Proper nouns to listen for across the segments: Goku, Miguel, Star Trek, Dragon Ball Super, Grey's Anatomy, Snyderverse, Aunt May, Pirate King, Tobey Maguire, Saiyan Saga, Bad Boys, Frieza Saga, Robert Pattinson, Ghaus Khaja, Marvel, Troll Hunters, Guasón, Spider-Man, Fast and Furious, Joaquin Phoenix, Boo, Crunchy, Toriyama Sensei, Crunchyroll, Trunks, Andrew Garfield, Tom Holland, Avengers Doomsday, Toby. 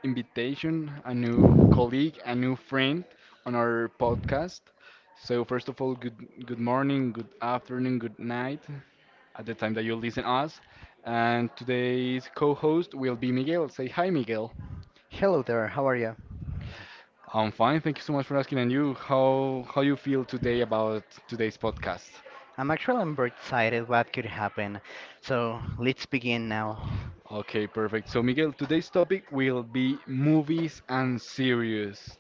invitation, a new colleague, a new friend on our podcast. So first of all, good morning, good afternoon, good night at the time that you listen us. And today's co-host will be Miguel. Say hi Miguel. Hello there, how are you? I'm fine, thank you so much for asking and you, how you feel today about today's podcast? I'm actually I'm very excited what could happen. So let's begin now. Okay, perfect. So, Miguel, today's topic will be movies and series.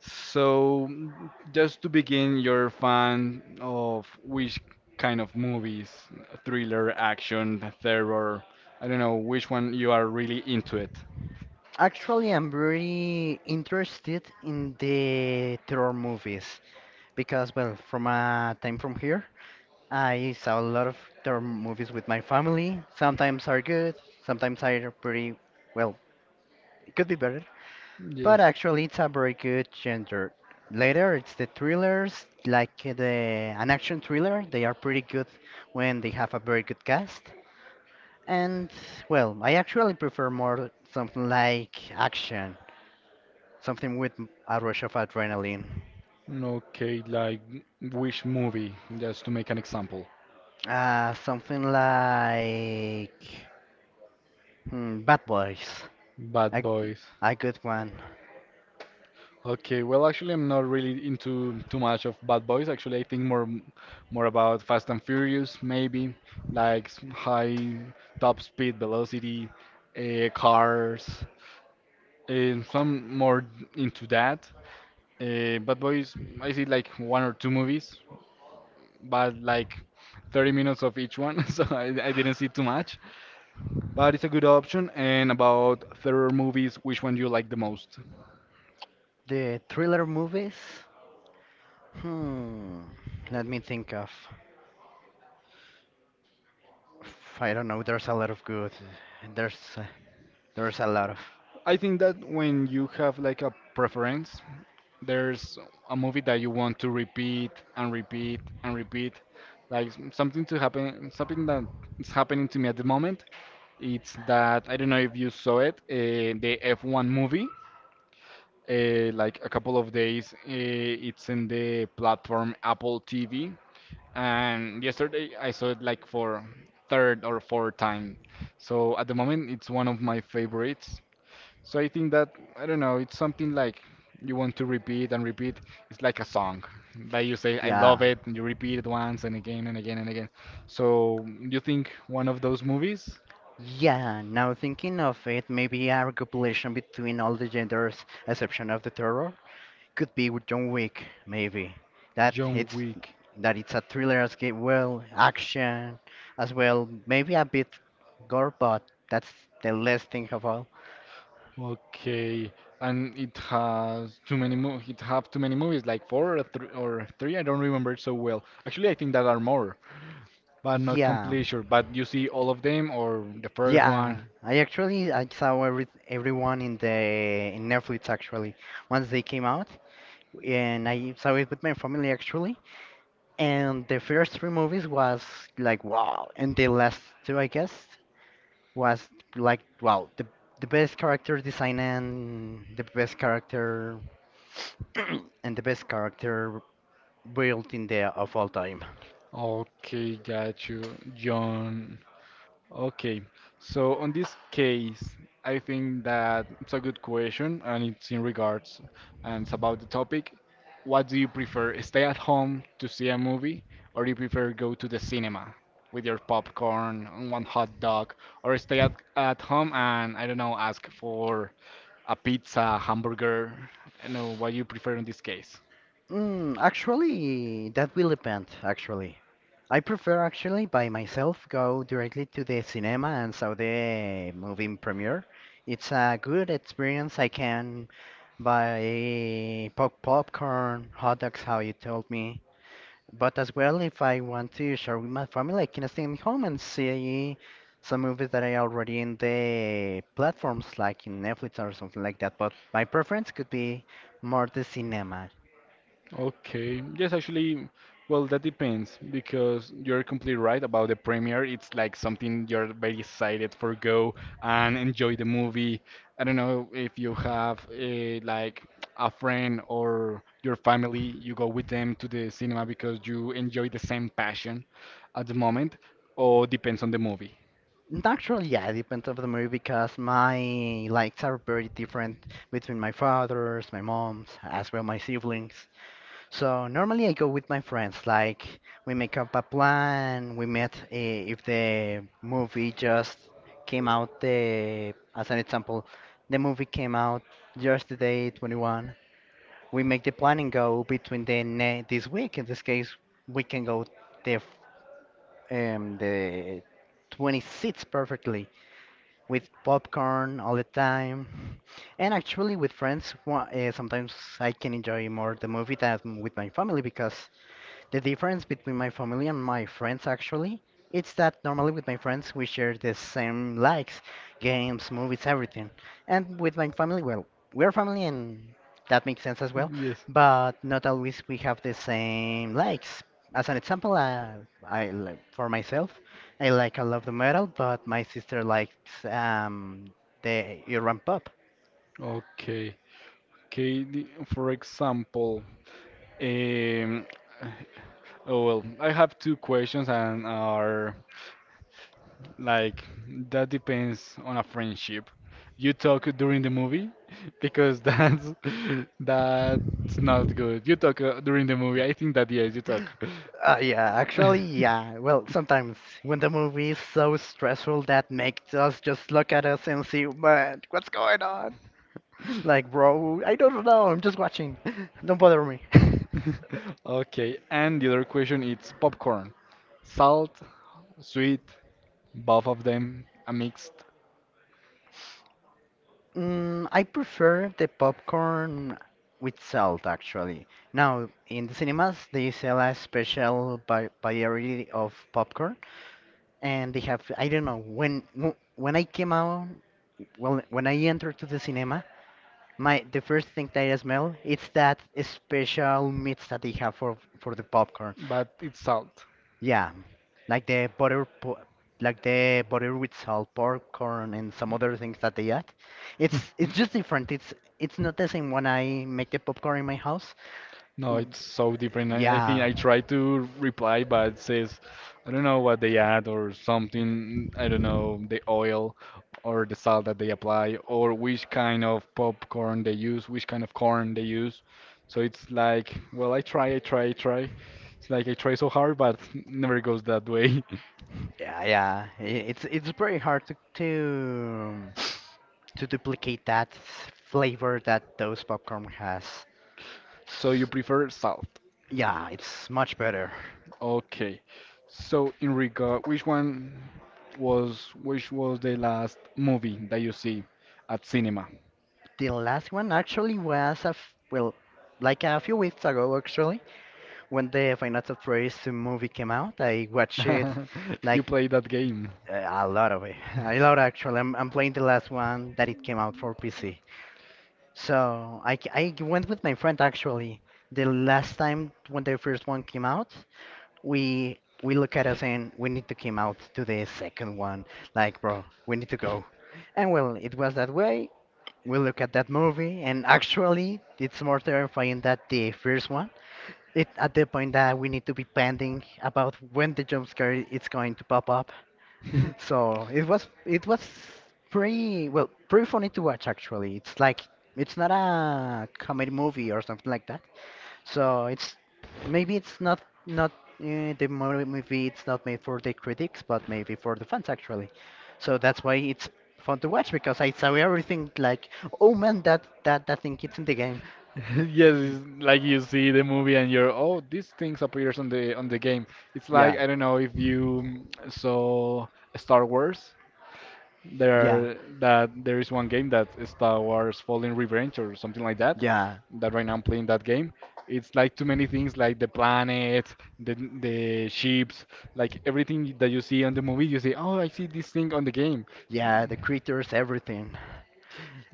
So, just to begin, you're a fan of which kind of movies? Thriller, action, terror? I don't know which one you are really into it. Actually, I'm very interested in the terror movies because, well, from a time from here, I saw a lot of terror movies with my family. Sometimes are good, sometimes are pretty, well, it could be better. But Yes. actually, it's a very good genre. Later, it's the thrillers, like the an action thriller. They are pretty good when they have a very good cast. And well, I actually prefer more something like action, something with a rush of adrenaline, Okay, like which movie? Just to make an example. Something like Bad Boys, Bad a, g- Boys. a good one. Okay, well, actually, I'm not really into too much of Bad Boys. Actually, I think more about Fast and Furious, maybe like high top speed, velocity, cars. Some more into that. Bad Boys, I see like one or two movies, but like 30 minutes of each one, so I didn't see too much. But it's a good option. And about thriller movies, which one do you like the most? The thriller movies. Hmm, let me think of. I don't know. There's a lot of good. There's uh, there's a lot of I think that when you have like a preference, there's a movie that you want to repeat and repeat and repeat, like something to happen, something that is happening to me at the moment. It's that I don't know if you saw it, the F1 movie, like a couple of days, it's in the platform Apple TV, and yesterday I saw it like for third or fourth time, so at the moment it's one of my favorites. So I think that, I don't know, it's something like you want to repeat and repeat. It's like a song that you say, I love yeah. it, and you repeat it once and again and again and again. So you think one of those movies? Yeah, now thinking of it, maybe a compilation between all the genders, exception of the terror, could be with John Wick, maybe. That John it's Wick. that it's a thriller as well, action as well, maybe a bit gore, but that's the less thing of all. Okay. And it has too many mo it have too many movies, like four or three, I don't remember it so well. Actually I think that are more, but not Yeah. completely sure. But you see all of them or the first Yeah, one? I actually I saw everyone in the in Netflix actually once they came out, and I saw it with my family actually. And the first three movies was like wow, and the last two I guess was like wow, the best character design and the best character and the best character built in the of all time. Okay, got you. John. Okay, so on this case, I think that it's a good question and it's in regards and it's about the topic. What do you prefer, stay at home to see a movie, or do you prefer go to the cinema with your popcorn and one hot dog, or stay at home and I don't know, ask for a pizza, hamburger? I don't know what you prefer in this case. Mm, actually, that will depend, actually. I prefer actually by myself go directly to the cinema and saw the movie in premiere. It's a good experience. I can buy popcorn, hot dogs, how you told me. But as well, if I want to share with my family, I can stay in home and see some movies that are already in the platforms like in Netflix or something like that. But my preference could be more the cinema. Okay. Yes, actually, well, that depends because you're completely right about the premiere. It's like something you're very excited for go and enjoy the movie. I don't know if you have a, like a friend or your family, you go with them to the cinema because you enjoy the same passion at the moment, or depends on the movie. Actually, yeah, it depends of the movie because my likes are very different between my father's, my mom's, as well my siblings. So normally I go with my friends. Like we make up a plan. We met if the movie just came out the, as an example, the movie came out just the day 21. We make the plan and go between the ne this week. In this case, we can go the f- the 26th perfectly with popcorn all the time. And actually, with friends, sometimes I can enjoy more the movie than with my family because the difference between my family and my friends actually, it's that normally with my friends we share the same likes, games, movies, everything. And with my family, well, we're family and that makes sense as well, Yes. but not always we have the same likes. As an example, for myself, I love the metal, but my sister likes the urban pop. Okay. Okay, the- for example, um, oh well, I have two questions and are like that depends on a friendship. You talk during the movie because that's that's not good. You talk during the movie. I think that yes, you talk. Yeah, actually, yeah. Well, sometimes when the movie is so stressful that makes us just look at us and see, man, what's going on? Like, bro, I don't know. I'm just watching. Don't bother me. Okay, and the other question is popcorn. Salt, sweet, both of them are mixed, Mm, I prefer the popcorn with salt, actually. Now, in the cinemas, they sell a special variety of popcorn, and they have, I don't know, when when I came out, well, when I entered to the cinema, My the first thing that I smell it's that special mix that they have for the popcorn. but it's salt. Yeah, like like the butter with salt popcorn and some other things that they add. It's just different. It's not the same when I make the popcorn in my house. No, W- it's so different. I think Yeah. I try to reply, but it says, I don't know what they add or something. I don't know, the oil or the salt that they apply, or which kind of popcorn they use, which kind of corn they use. So it's like, well, I try. It's like I try so hard, but never goes that way. Yeah, yeah. It's pretty hard to duplicate that flavor that those popcorn has. So you prefer salt. Yeah, it's much better. Okay. So in regard, which was the last movie that you see at cinema? The last one actually was well, like a few weeks ago actually, when the Final Fantasy movie came out. I watched it, You like play that game. A lot of it, a lot actually. I'm playing the last one that it came out for PC. So I went with my friend actually. The last time when the first one came out, we look at us and we need to came out to the second one. Like, bro, we need to go. And well, it was that way. We look at that movie, and actually, it's more terrifying than the first one. It at the point that we need to be pending about when the jump scare is going to pop up, so it was pretty well pretty funny to watch actually. It's like it's not a comedy movie or something like that. So it's maybe it's not movie. It's not made for the critics, but maybe for the fans actually. So that's why it's fun to watch because I saw everything like, oh man, that that thing it's in the game. Yes, it's like you see the movie and you're, oh, these things appears on the game. It's like Yeah, I don't know if you, saw Star Wars. Yeah, There is one game that is Star Wars Fallen Revenge or something like that. yeah, That right now I'm playing that game. It's like too many things, like the planet, the the ships, like everything that you see on the movie. You say, "Oh, I see this thing on the game," yeah. The creatures, everything.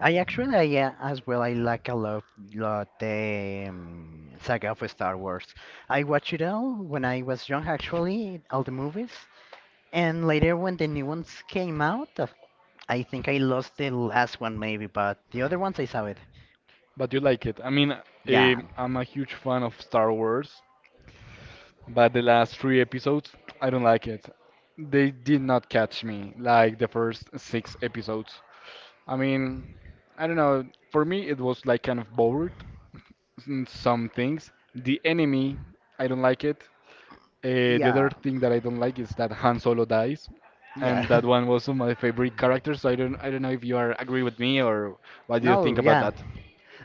Yeah, as well, I like lot the saga of Star Wars. I watched it all when I was young, actually, all the movies. And later, when the new ones came out, I think I lost the last one, maybe, but the other ones I saw it. but you like it. I mean, Yeah, I'm a huge fan of Star Wars, but the last three episodes, I don't like it. They did not catch me like the first six episodes. I mean, I don't know. For me, it was like kind of bored. Some things. The enemy, I don't like it. The other yeah, thing that I don't like is that Han Solo dies, yeah. and that one was my favorite character. So I don't know if you are agree with me, or what do you think No, about yeah. that?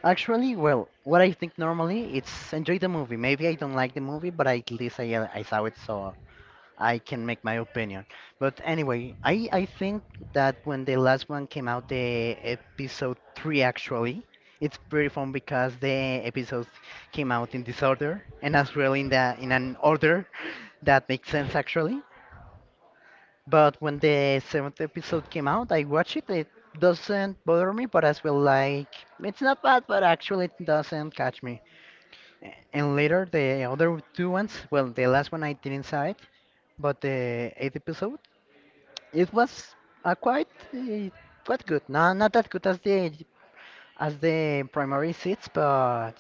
Actually, well, what I think normally, it's enjoy the movie. Maybe I don't like the movie, but at least I saw it, so I can make my opinion. But anyway, I think that when the last one came out, the episode 3 actually, it's pretty fun because the episodes came out in disorder and as well in the in an order that makes sense actually. But when the seventh episode came out, I watched it. It doesn't bother me, but as well like it's not bad, but actually it doesn't catch me. And later the other two ones, well, the last one I didn't saw it, but the eighth episode. It was quite uh, quite good. No, not that good as the primary seats, but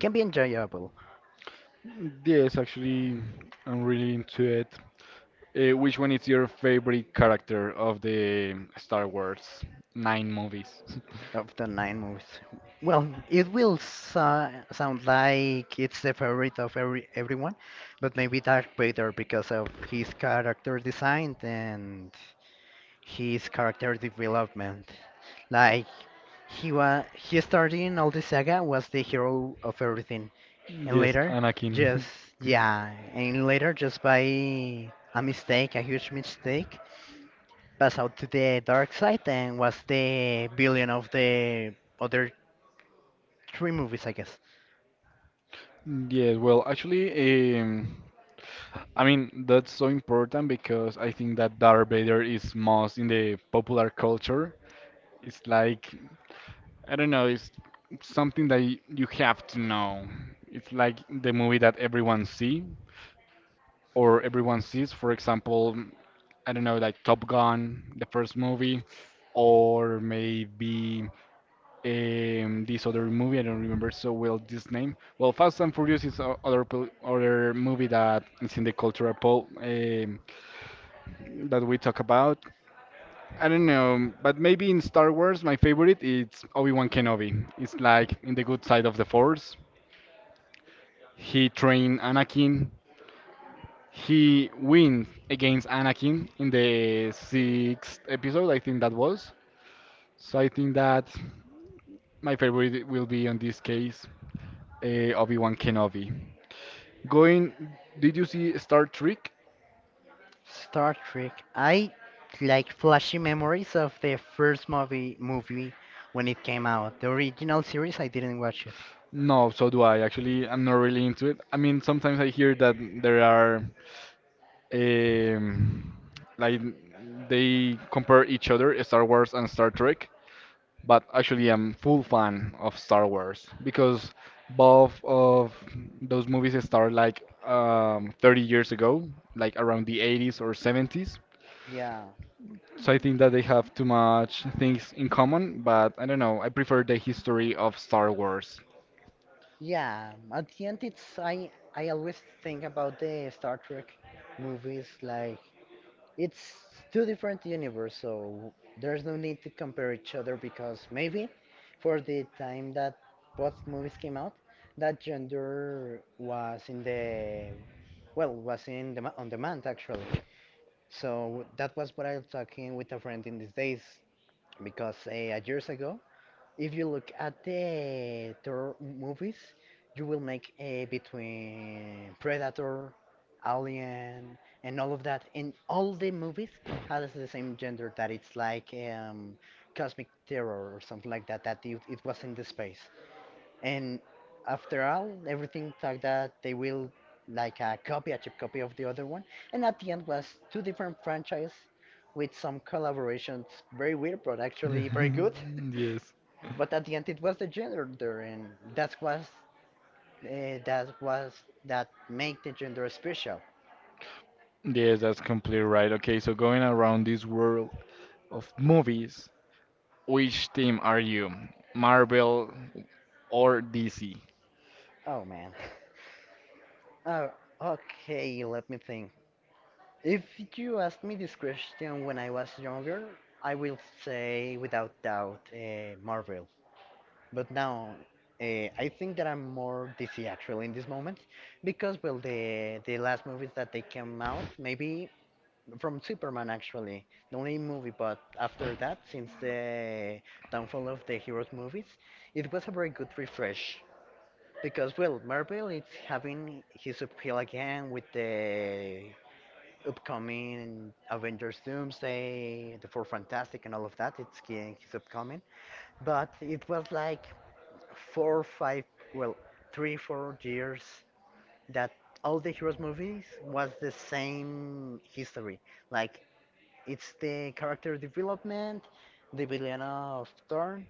can be enjoyable Yes, actually, I'm really into it. Which one is your favorite character of the Star Wars nine movies? of the nine movies. Well, it will so sound like it's the favorite of everyone, but maybe Darth Vader because of his character design and his character development. Like he was, he started in all the saga was the hero of everything. And Yes, later, Anakin. just, yeah, and later, just by a mistake, a huge mistake, pass out to the dark side and was the villain of the other three movies, I guess. Yes, well, actually, I mean, that's so important because I think that Darth Vader is most in the popular culture. It's like, I don't know, it's something that you have to know. It's like the movie that everyone see or everyone sees. For example, I don't know, like Top Gun, the first movie, or maybe, this other movie, I don't remember so well this name. Well, Fast and Furious is other movie that is in the cultural pop that we talk about. I don't know, but maybe in Star Wars, my favorite is Obi Wan Kenobi. It's like in the good side of the Force. He trained Anakin. He wins against Anakin in the sixth episode, I think that was. So I think that my favorite will be on this case Obi Wan Kenobi. Going, did you see Star Trek? Star Trek. I like flashy memories of the first movie when it came out. The original series, I didn't watch it. No, so do I. Actually, I'm not really into it. I mean, sometimes I hear that there are um, like they compare each other, Star Wars and Star Trek. But actually, I'm full fan of Star Wars because both of those movies started like, 30 years ago, like around the 80s or 70s. Yeah, So I think that they have too much things in common. But I don't know. I prefer the history of Star Wars. yeah. At the end, it's I always think about the Star Trek movies, like it's two different universe, so there's no need to compare each other because maybe for the time that both movies came out, that gender was in the was in the on demand actually. So that was what I was talking with a friend in these days because years ago if you look at the Thor movies, you will make a between Predator, Alien, and all of that. And all the movies has the same gender that it's like cosmic terror or something like that. That it was in the space. And after all, everything like that, they will like a copy, a cheap copy of the other one. And at the end was two different franchises with some collaborations, very weird, but actually very good. Yes. But at the end, it was the gender there, and that was uh, that was that make the gender special. Yes, that's completely right. Okay, so going around this world of movies, which team are you? Marvel or DC? Oh man. Oh, okay. Let me think. If you asked me this question when I was younger, I will say without doubt Marvel. But now, I think that I'm more DC actually in this moment, because well, the last movies that they came out, maybe from Superman actually, the only movie. But after that, since the downfall of the heroes movies, it was a very good refresh because well, Marvel is having his appeal again with the upcoming Avengers Doomsday, the Four Fantastic, and all of that. It's getting his upcoming, but it was like four, five, well, three, 4 years that all the heroes movies was the same history like it's the character development, the villain of turn,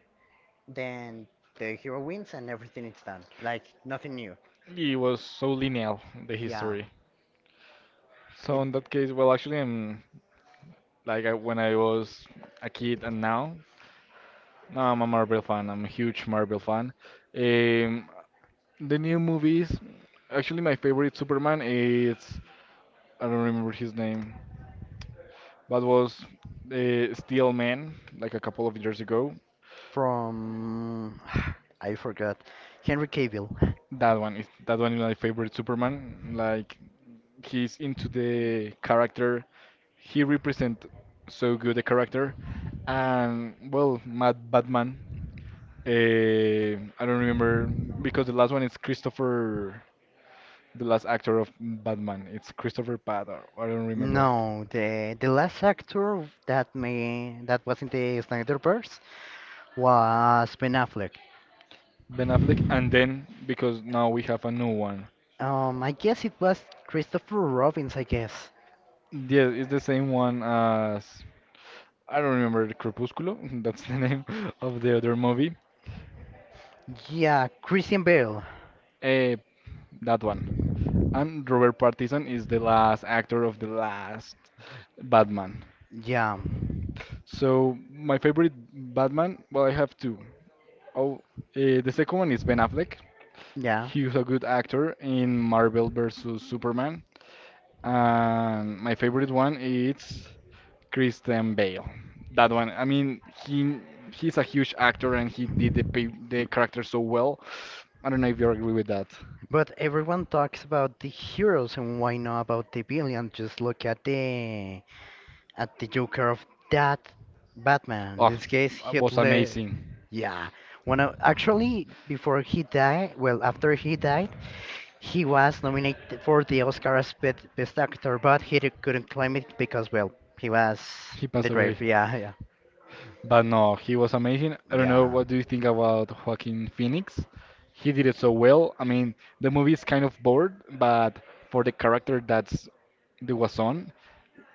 then the hero wins and everything is done. Like nothing new. It was so linear, the Yeah. history. So It in that case, well, actually, I'm like I, when I was a kid and now, now I'm a Marvel fan. I'm a huge Marvel fan. Um, the new movies, actually, my favorite Superman is, I don't remember his name, but was Steel Man, like a couple of years ago. from I forgot. Henry Cavill. That one is my favorite Superman. Like he's into the character. He represent so good the character. And well, Mad Batman. eh, I don't remember, because the last one is Christopher, the last actor of Batman. It's Christopher Pat. I don't remember. No, the last actor that may that was in the Snyderverse was Ben Affleck. Ben Affleck. And then because now we have a new one. I guess it was Christopher Robbins, I guess. Yeah, it's the same one as, I don't remember. The Crepúsculo. That's the name of the other movie. Yeah, Christian Bale. Eh, that one. And Robert Pattinson is the last actor of the last Batman. Yeah. So my favorite Batman, well, I have two. Oh, the second one is Ben Affleck. Yeah. He was a good actor in Marvel vs Superman, and my favorite one is Christian Bale. That one, I mean, he's a huge actor and he did the the character so well. I don't know if you agree with that. But everyone talks about the heroes and why not about the villain? Just look at the Joker of that Batman. Oh, In this case, was Hitler. amazing. Yeah. When actually before he died, well, after he died, he was nominated for the Oscar as Best Actor, but couldn't claim it because, well, he was He in the passed away. grave. Yeah, But no, he was amazing. I don't know, yeah. what do you think about Joaquin Phoenix? He did it so well. I mean, the movie is kind of bored, but for the character that's the Guasón,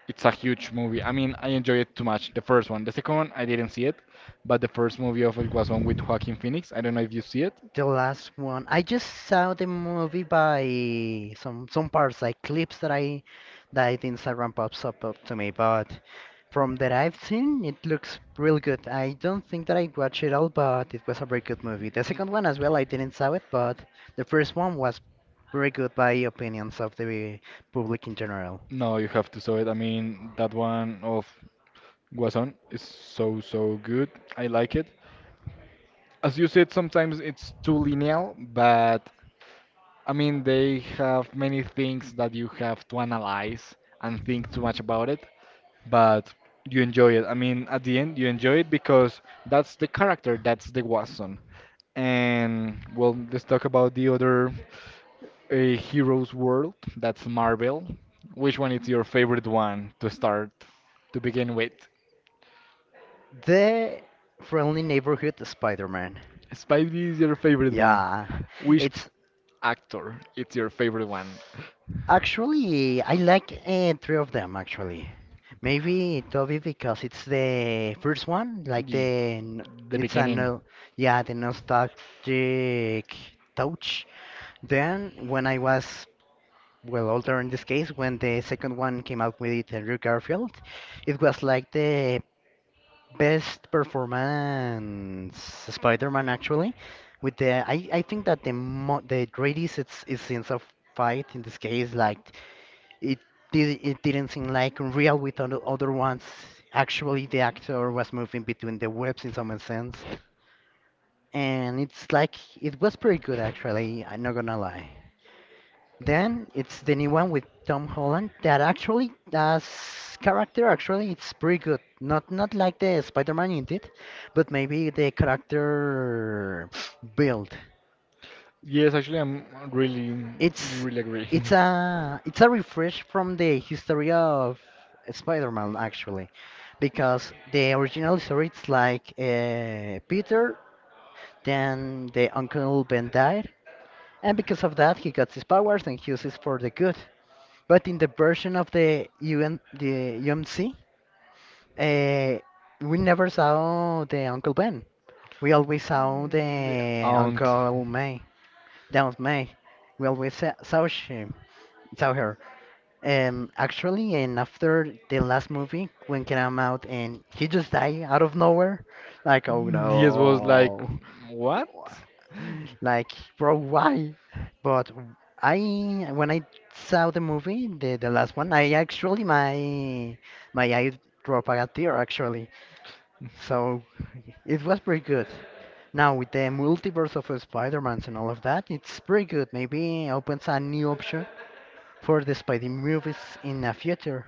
it's a huge movie. I mean, I enjoyed it too much. The first one. The second one, I didn't see it, but the first movie of El Guasón with Joaquin Phoenix, I don't know if you see it. The last one. I just saw the movie by some parts like clips that Instagram pops up to me, but from that I've seen it looks real good. I don't think that I watched it all, but it was a very good movie. The second one as well, I didn't saw it, but the first one was very good by opinions of the public in general. No, you have to saw it. I mean, that one of Guason is so good. I like it. As you said, sometimes it's too linear, but I mean, they have many things that you have to analyze and think too much about it, but you enjoy it. I mean, at the end, you enjoy it because that's the character, that's the Guason. And well, let's talk about the other a hero's world that's Marvel. Which one is your favorite one to start to begin with? The Friendly Neighborhood Spider-Man. Spidey is your favorite one. Yeah, Which it's actor is your favorite one? Actually I like three of them actually. Maybe Toby because it's the first one, Ye- The it's a beginning. no, yeah, the nostalgic touch. Then when I was well older in this case, when the second one came out with Andrew Garfield, it was like the best performance Spider-Man actually. With I think that the greatest it's scenes of fight in this case, like it did it didn't seem like real with other ones. Actually, the actor was moving between the webs in some sense, and it's like it was pretty good actually. I'm not gonna lie. Then it's the new one with Tom Holland that actually as character actually it's pretty good. Not like the Spider-Man in, but maybe the character build. Yes, actually, I'm really, It's really agree. It's a refresh from the history of Spider-Man actually, because the original story it's like Peter, then the Uncle Ben died, and because of that he got his powers and he uses for the good. But in the version of the UMC, uh, we never saw the Uncle Ben. We always saw The the aunt. Uncle May, Aunt May. We always saw she saw her. Actually, and after the last movie, when came out and he just died out of nowhere, like, oh Yes, was like, no, what? like, bro, why? But when I saw the movie, the last one, my eye dropped a tear, actually. So it was pretty good. Now, with the multiverse of Spider-Mans and all of that, it's pretty good. Maybe opens a new option for the Spidey movies in the future.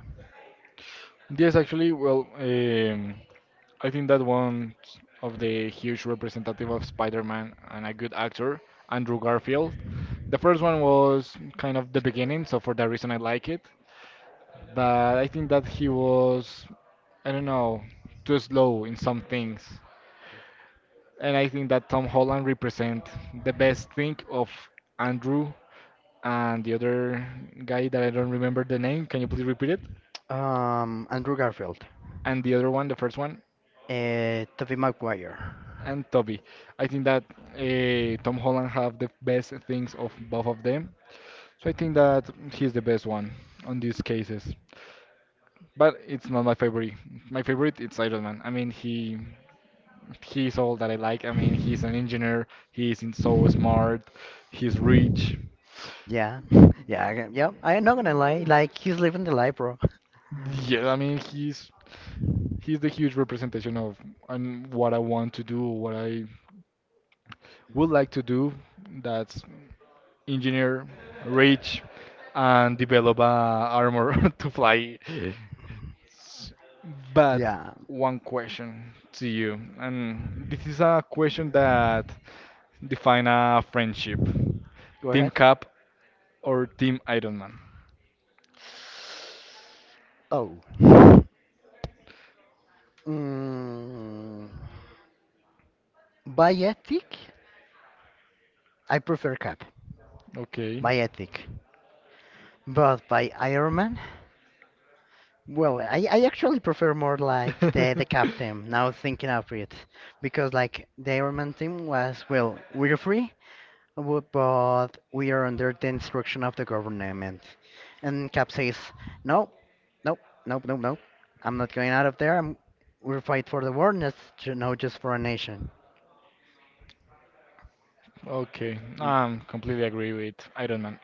Yes, actually, I think that one of the huge representative of Spider-Man and a good actor, Andrew Garfield. The first one was kind of the beginning, so for that reason I like it. But I think that he was, I don't know, too slow in some things. And I think that Tom Holland represent the best thing of Andrew and the other guy that I don't remember the name. Can you please repeat it? Andrew Garfield, And the other one, the first one. Tobey Maguire. And Toby. I think that Tom Holland have the best things of both of them. So I think that he's the best one on these cases. But it's not my favorite. My favorite it's Iron Man. I mean, he's all that I like. I mean, he's an engineer. He's in so smart. He's rich. Yeah, yeah, yeah. I'm not gonna lie, like he's living the life, bro. Yeah, I mean, he's the huge representation of and what I want to do, what I would like to do. That's engineer, rich, and develop a armor to fly. But Yeah, one question to you, and this is a question that define a friendship: go Team ahead. Cap or Team Iron Man? Oh, mm, by ethic, I prefer Cap. Okay. By ethic, but by Iron Man, well, I actually prefer more like the Cap team. Now thinking of it, because like the Iron Man team was, well, we're free. But we are under the instruction of the government. And Cap says, no, nope, nope, nope, nope. I'm not going out of there. We'll fight for the war, not ju- no, just for a nation. Okay, I'm completely agree with Iron Man.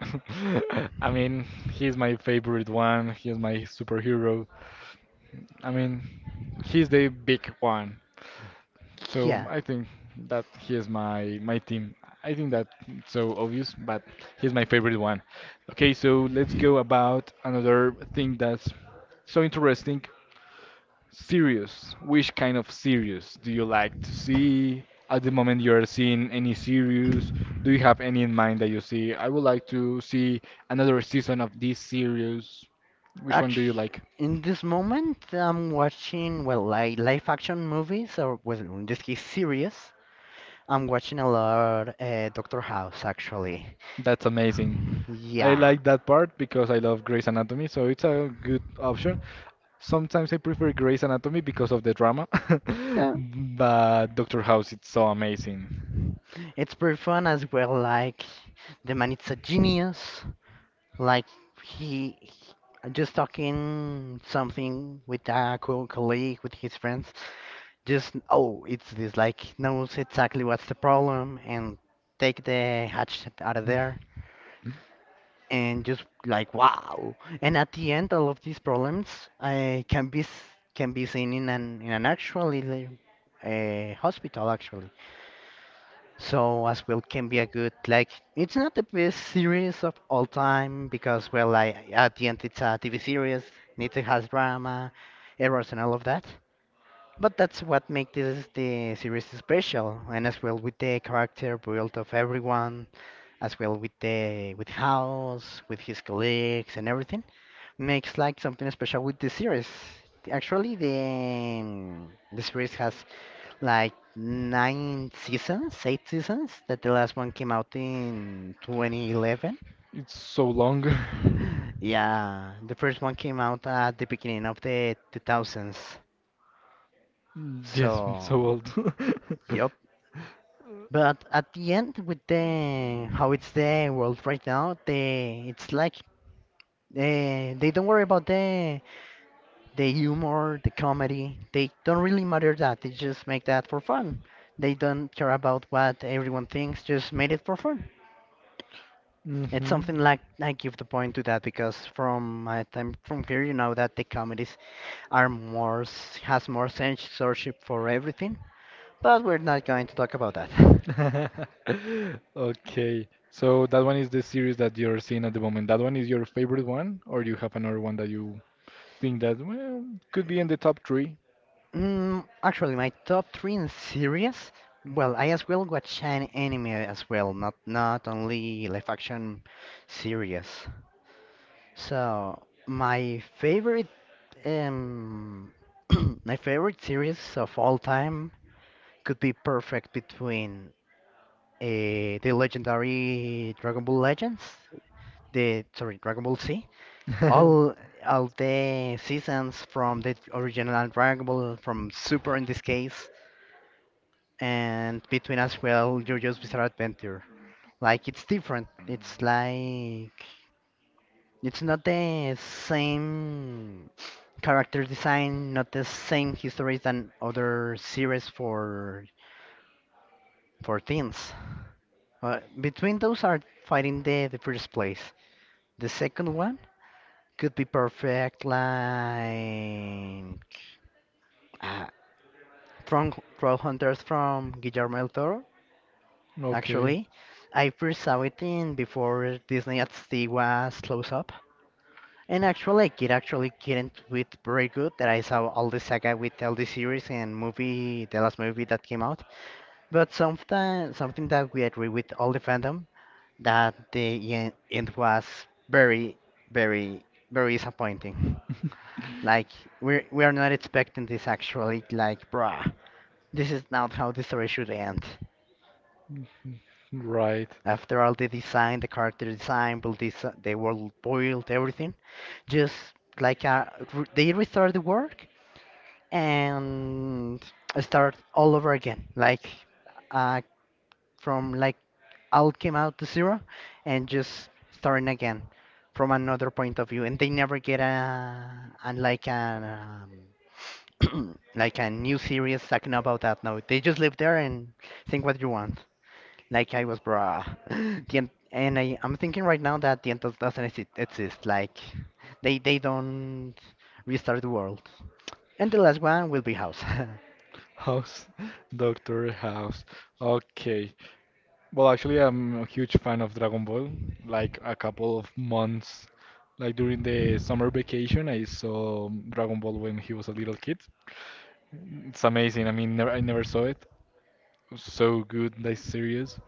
I mean, he's my favorite one. He's my superhero. I mean, he's the big one. So Yeah. I think that he is my team. I think that's so obvious, but he's my favorite one. Okay, so let's go about another thing that's so interesting. Series. Which kind of series do you like to see? At the moment you are seeing any series? Do you have any in mind that you see? I would like to see another season of this series. Which one do you Actually, like? in this moment, I'm watching, well, like live action movies, or well, in this case, series. I'm watching a lot Doctor House, actually. That's amazing. I Yeah. like that part because I love Grey's Anatomy, so it's a good option. Sometimes I prefer Grey's Anatomy because of the drama, Yeah. but Doctor House it's so amazing. It's pretty fun as well, like the man it's a genius. Like he, he- just talking something with a colleague with his friends. Just oh, it's this. Like knows exactly what's the problem and take the hatchet out of there. And just like wow. And at the end, all of these problems uh, can be s- can be seen in an actual hospital actually. So as well can be a good, like it's not the best series of all time because well like at the end it's a TV series and it has drama, errors and all of that. But that's what makes this the series special and as well with the character build of everyone, as well with the with house, with his colleagues and everything makes like something special with the series. Actually, the series has like nine seasons, eight seasons. That the last one came out in 2011. It's so long. Yeah, the first one came out at the beginning of the 2000s. Mm, yes, I so So, old. yep. But at the end, with the how it's the world right now, they it's like they don't worry about the humor, the comedy, they don't really matter that. They just make that for fun. They don't care about what everyone thinks, just made it for fun. It's Mhm. something like I give the point to that because from my time from here, you know that the comedies are has more censorship for everything. But we're not going to talk about that. Okay, so that one is the series that you're seeing at the moment. That one is your favorite one, or you have another one that you think that well could be in the top three. Actually, my top three in series. Well, I as well watch an anime as well, not only live action series. So my favorite um my favorite series of all time could be perfect between the legendary Dragon Ball Legends, the sorry Dragon Ball Z, all all the seasons from the original Dragon Ball from Super in this case, and between as well JoJo's Bizarre Adventure. Like it's different. It's like it's not the same character design, not the same history than other series for teens. Between those are fighting the first place. The second one could be perfect like uh, from Troll Hunters from Guillermo del Toro. Okay, Actually, I first saw it in before Disney XD was close up. And actually, I actually couldn't with very good that I saw all the saga with all the series and movie, the last movie that came out. But something that we agree with all the fandom that the end was very, very disappointing. Like we are not expecting this actually. Like bruh, this is not how the story should end. right. After all the design, the character design, build this, the world, build everything, just like they restart the work and start all over again, like uh, from like all came out to zero and just starting again from another point of view. And they never get a like a like a new series talking about that. No, they just live there and think what you want. Like I was, bruh. The end, and I'm thinking right now that the end doesn't exist. Like they don't restart the world. And the last one will be House. House, Doctor House. Okay. Well, actually, I'm a huge fan of Dragon Ball. Like a couple of months, like during the summer vacation, I saw Dragon Ball when he was a little kid. It's amazing. I mean, never, I never saw it. So good, nice series.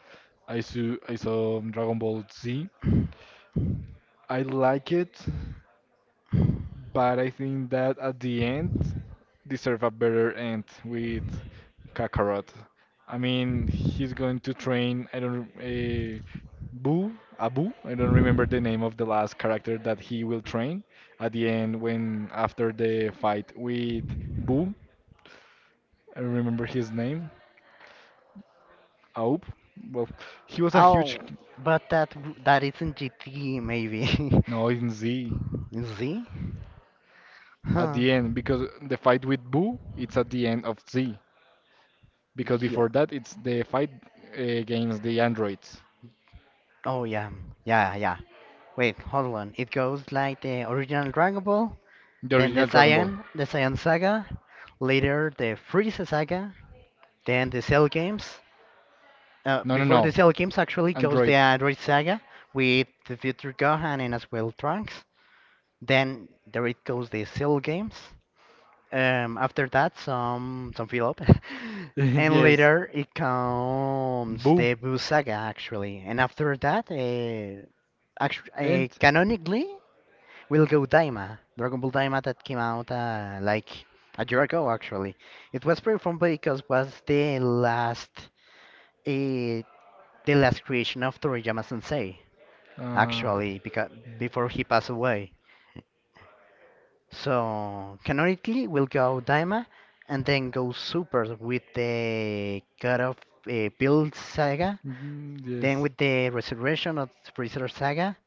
I saw Dragon Ball Z. I like it, but I think that at the end deserve a better end with Kakarot. I mean, he's going to train. I don't a Boo Abu. I don't remember the name of the last character that he will train at the end when after the fight with Boo. I don't remember his name. Aup. Well, he was a huge. Oh, but that isn't GT maybe. No, in Z Z? at Huh. the end because the fight with Boo it's at the end of Z, because Yeah. before that it's the fight against the androids, Oh yeah. Yeah, yeah. Wait, hold on. It goes like the original Dragon Ball, the then original Dragon Ball. The Saiyan Saga, later the Frieza Saga, then the Cell Games. No, no, Before the no, Cell Games actually goes the android. Android Saga with the future Gohan and as well Trunks. Then there it goes the Cell Games. After that, some fill up, and Yes, later it comes Boo the Boo Saga actually, and after that, and canonically, we'll go Daima, Dragon Ball Daima that came out like a year ago actually. It was pretty fun because was the last creation of Toriyama Sensei uh, actually because before he passed away. So canonically, we'll go Daima and then go Super with the God of Build Saga, mm, then yes. with the Resurrection of Freezer Saga,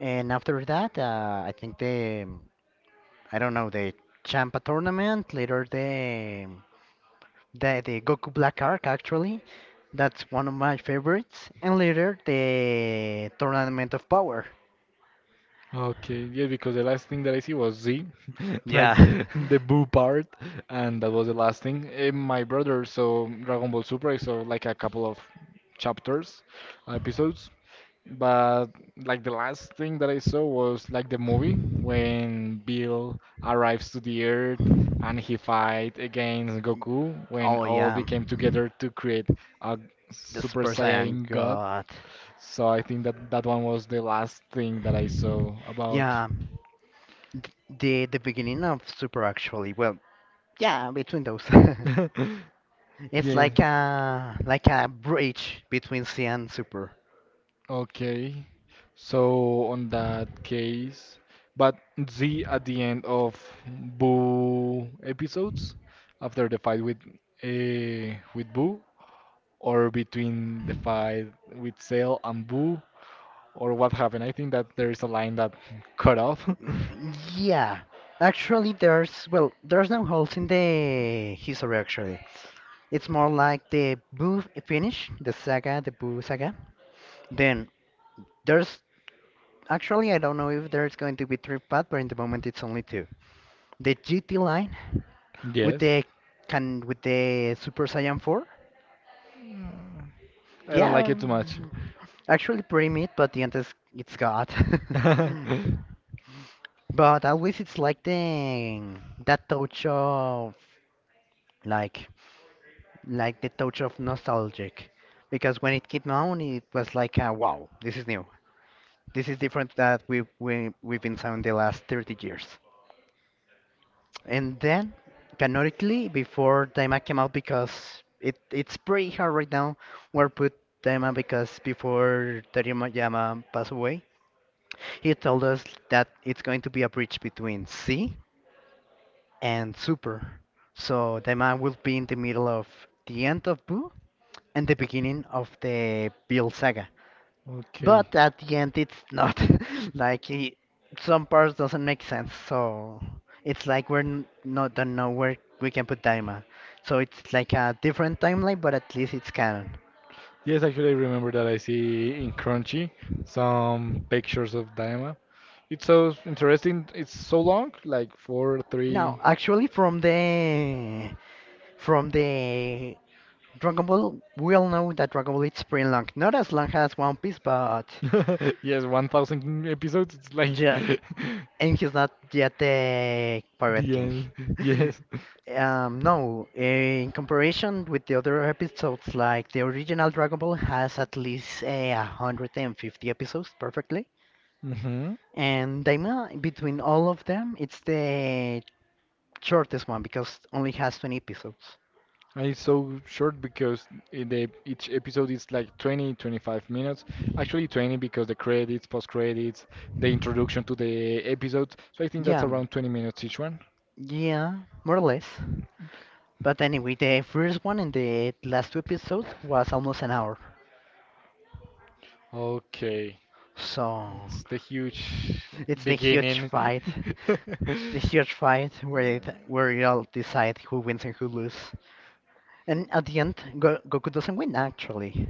and after that, I think the I don't know the Champa tournament, later the Goku Black arc actually. That's one of my favorites, and later the Tournament of Power. Okay, yeah, because the last thing that I see was Z, like Yeah. the boo part, and that was the last thing. Eh, my brother saw Dragon Ball Super, I saw like a couple of chapters, episodes, but like the last thing that I saw was like the movie when Bill arrives to the Earth and he fight against Goku when Oh all yeah. they came together to create a The Super Super Saiyan Saiyan God. God. So I think that that one was the last thing that I saw about. Yeah. The beginning of Super actually, well, yeah, between those. It's Yeah. like a bridge between C and Super. Okay. So on that case, but Z at the end of Boo episodes, after the fight with Boo, or between the fight with Cell and Boo, or what happened? I think that there is a line that cut off. Yeah. Actually there's well, there's no holes in the history actually. It's more like the Boo finish, the saga, the Boo saga. Then there's actually I don't know if there's going to be three part, but in the moment it's only two. The GT line with Yes. the with the Super Saiyan 4. I don't Yeah, like it too much. mm-hmm, actually pretty meat, but the end is it's God. But at least it's like the that touch of like like the touch of nostalgic, because when it came out, it was like wow, this is new, this is different that we we've been selling the last 30 years. And then canonically, before Daima came out, because it's pretty hard right now, we are put Daima because before Teriyama Yama passed away. He told us that it's going to be a bridge between sea and super. So the man will be in the middle of the end of Boo and the beginning of the Bill saga. Okay. But at the end, it's not. Like, some parts doesn't make sense. So it's like not don't know where we can put Daima. So it's like a different timeline, but at least it's canon. Yes, actually, I remember that I see in Crunchy some pictures of Daima. It's so interesting. It's so long, like four, Now, three, actually, from the Dragon Ball, we all know that Dragon Ball is pretty long. Not as long as One Piece, but yes, 1,000 episodes. It's like yeah, and he's not yet the Pirate the King. end. Yes. No, in comparison with the other episodes, like the original Dragon Ball has at least a 150 episodes perfectly. Mm-hmm. And Daima, between all of them, it's the shortest one because only has 20 episodes. And it's so short because I- they, each episode is like 20, 25 minutes. Actually, 20 because the credits, post credits, the introduction to the episode. So I think that's Yeah, around 20 minutes each one. yeah, more or less. But anyway, the first one and the last two episodes was almost an hour. Okay. So It's the huge it's the huge beginning. fight. The huge fight where where you all decide who wins and who loses. And at the end, Goku doesn't win actually.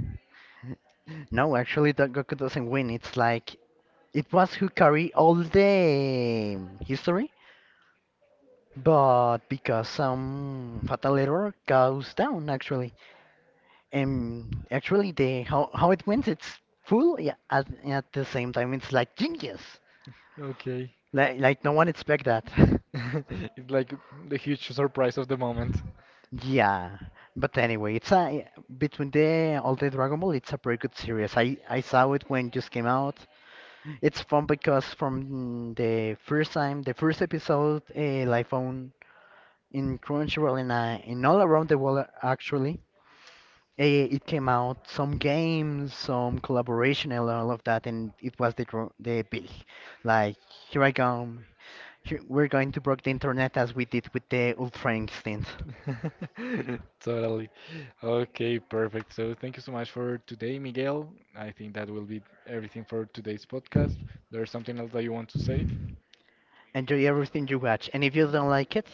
No, actually, the Goku doesn't win. It's like it was who carry all the history, but because some fatal error goes down actually. Actually, the how it went, it's full. Yeah, at the same time, it's like genius. Okay. Like no one expect that. It's like the huge surprise of the moment. Yeah, but anyway, it's a between the all the Dragon Ball, it's a pretty good series. I saw it when it just came out. It's fun because from the first time, the first episode, live on in Crunchyroll and in all around the world actually. Eh, it came out some games, some collaboration, and all of that, and it was the big, like here I come, here, we're going to break the internet as we did with the Ultra Instinct. Totally. Okay, perfect. So thank you so much for today, Miguel. I think that will be everything for today's podcast. There's something else that you want to say? Enjoy everything you watch, and if you don't like it,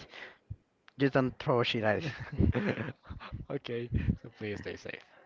just don't throw shit at it. Okay, so please stay safe.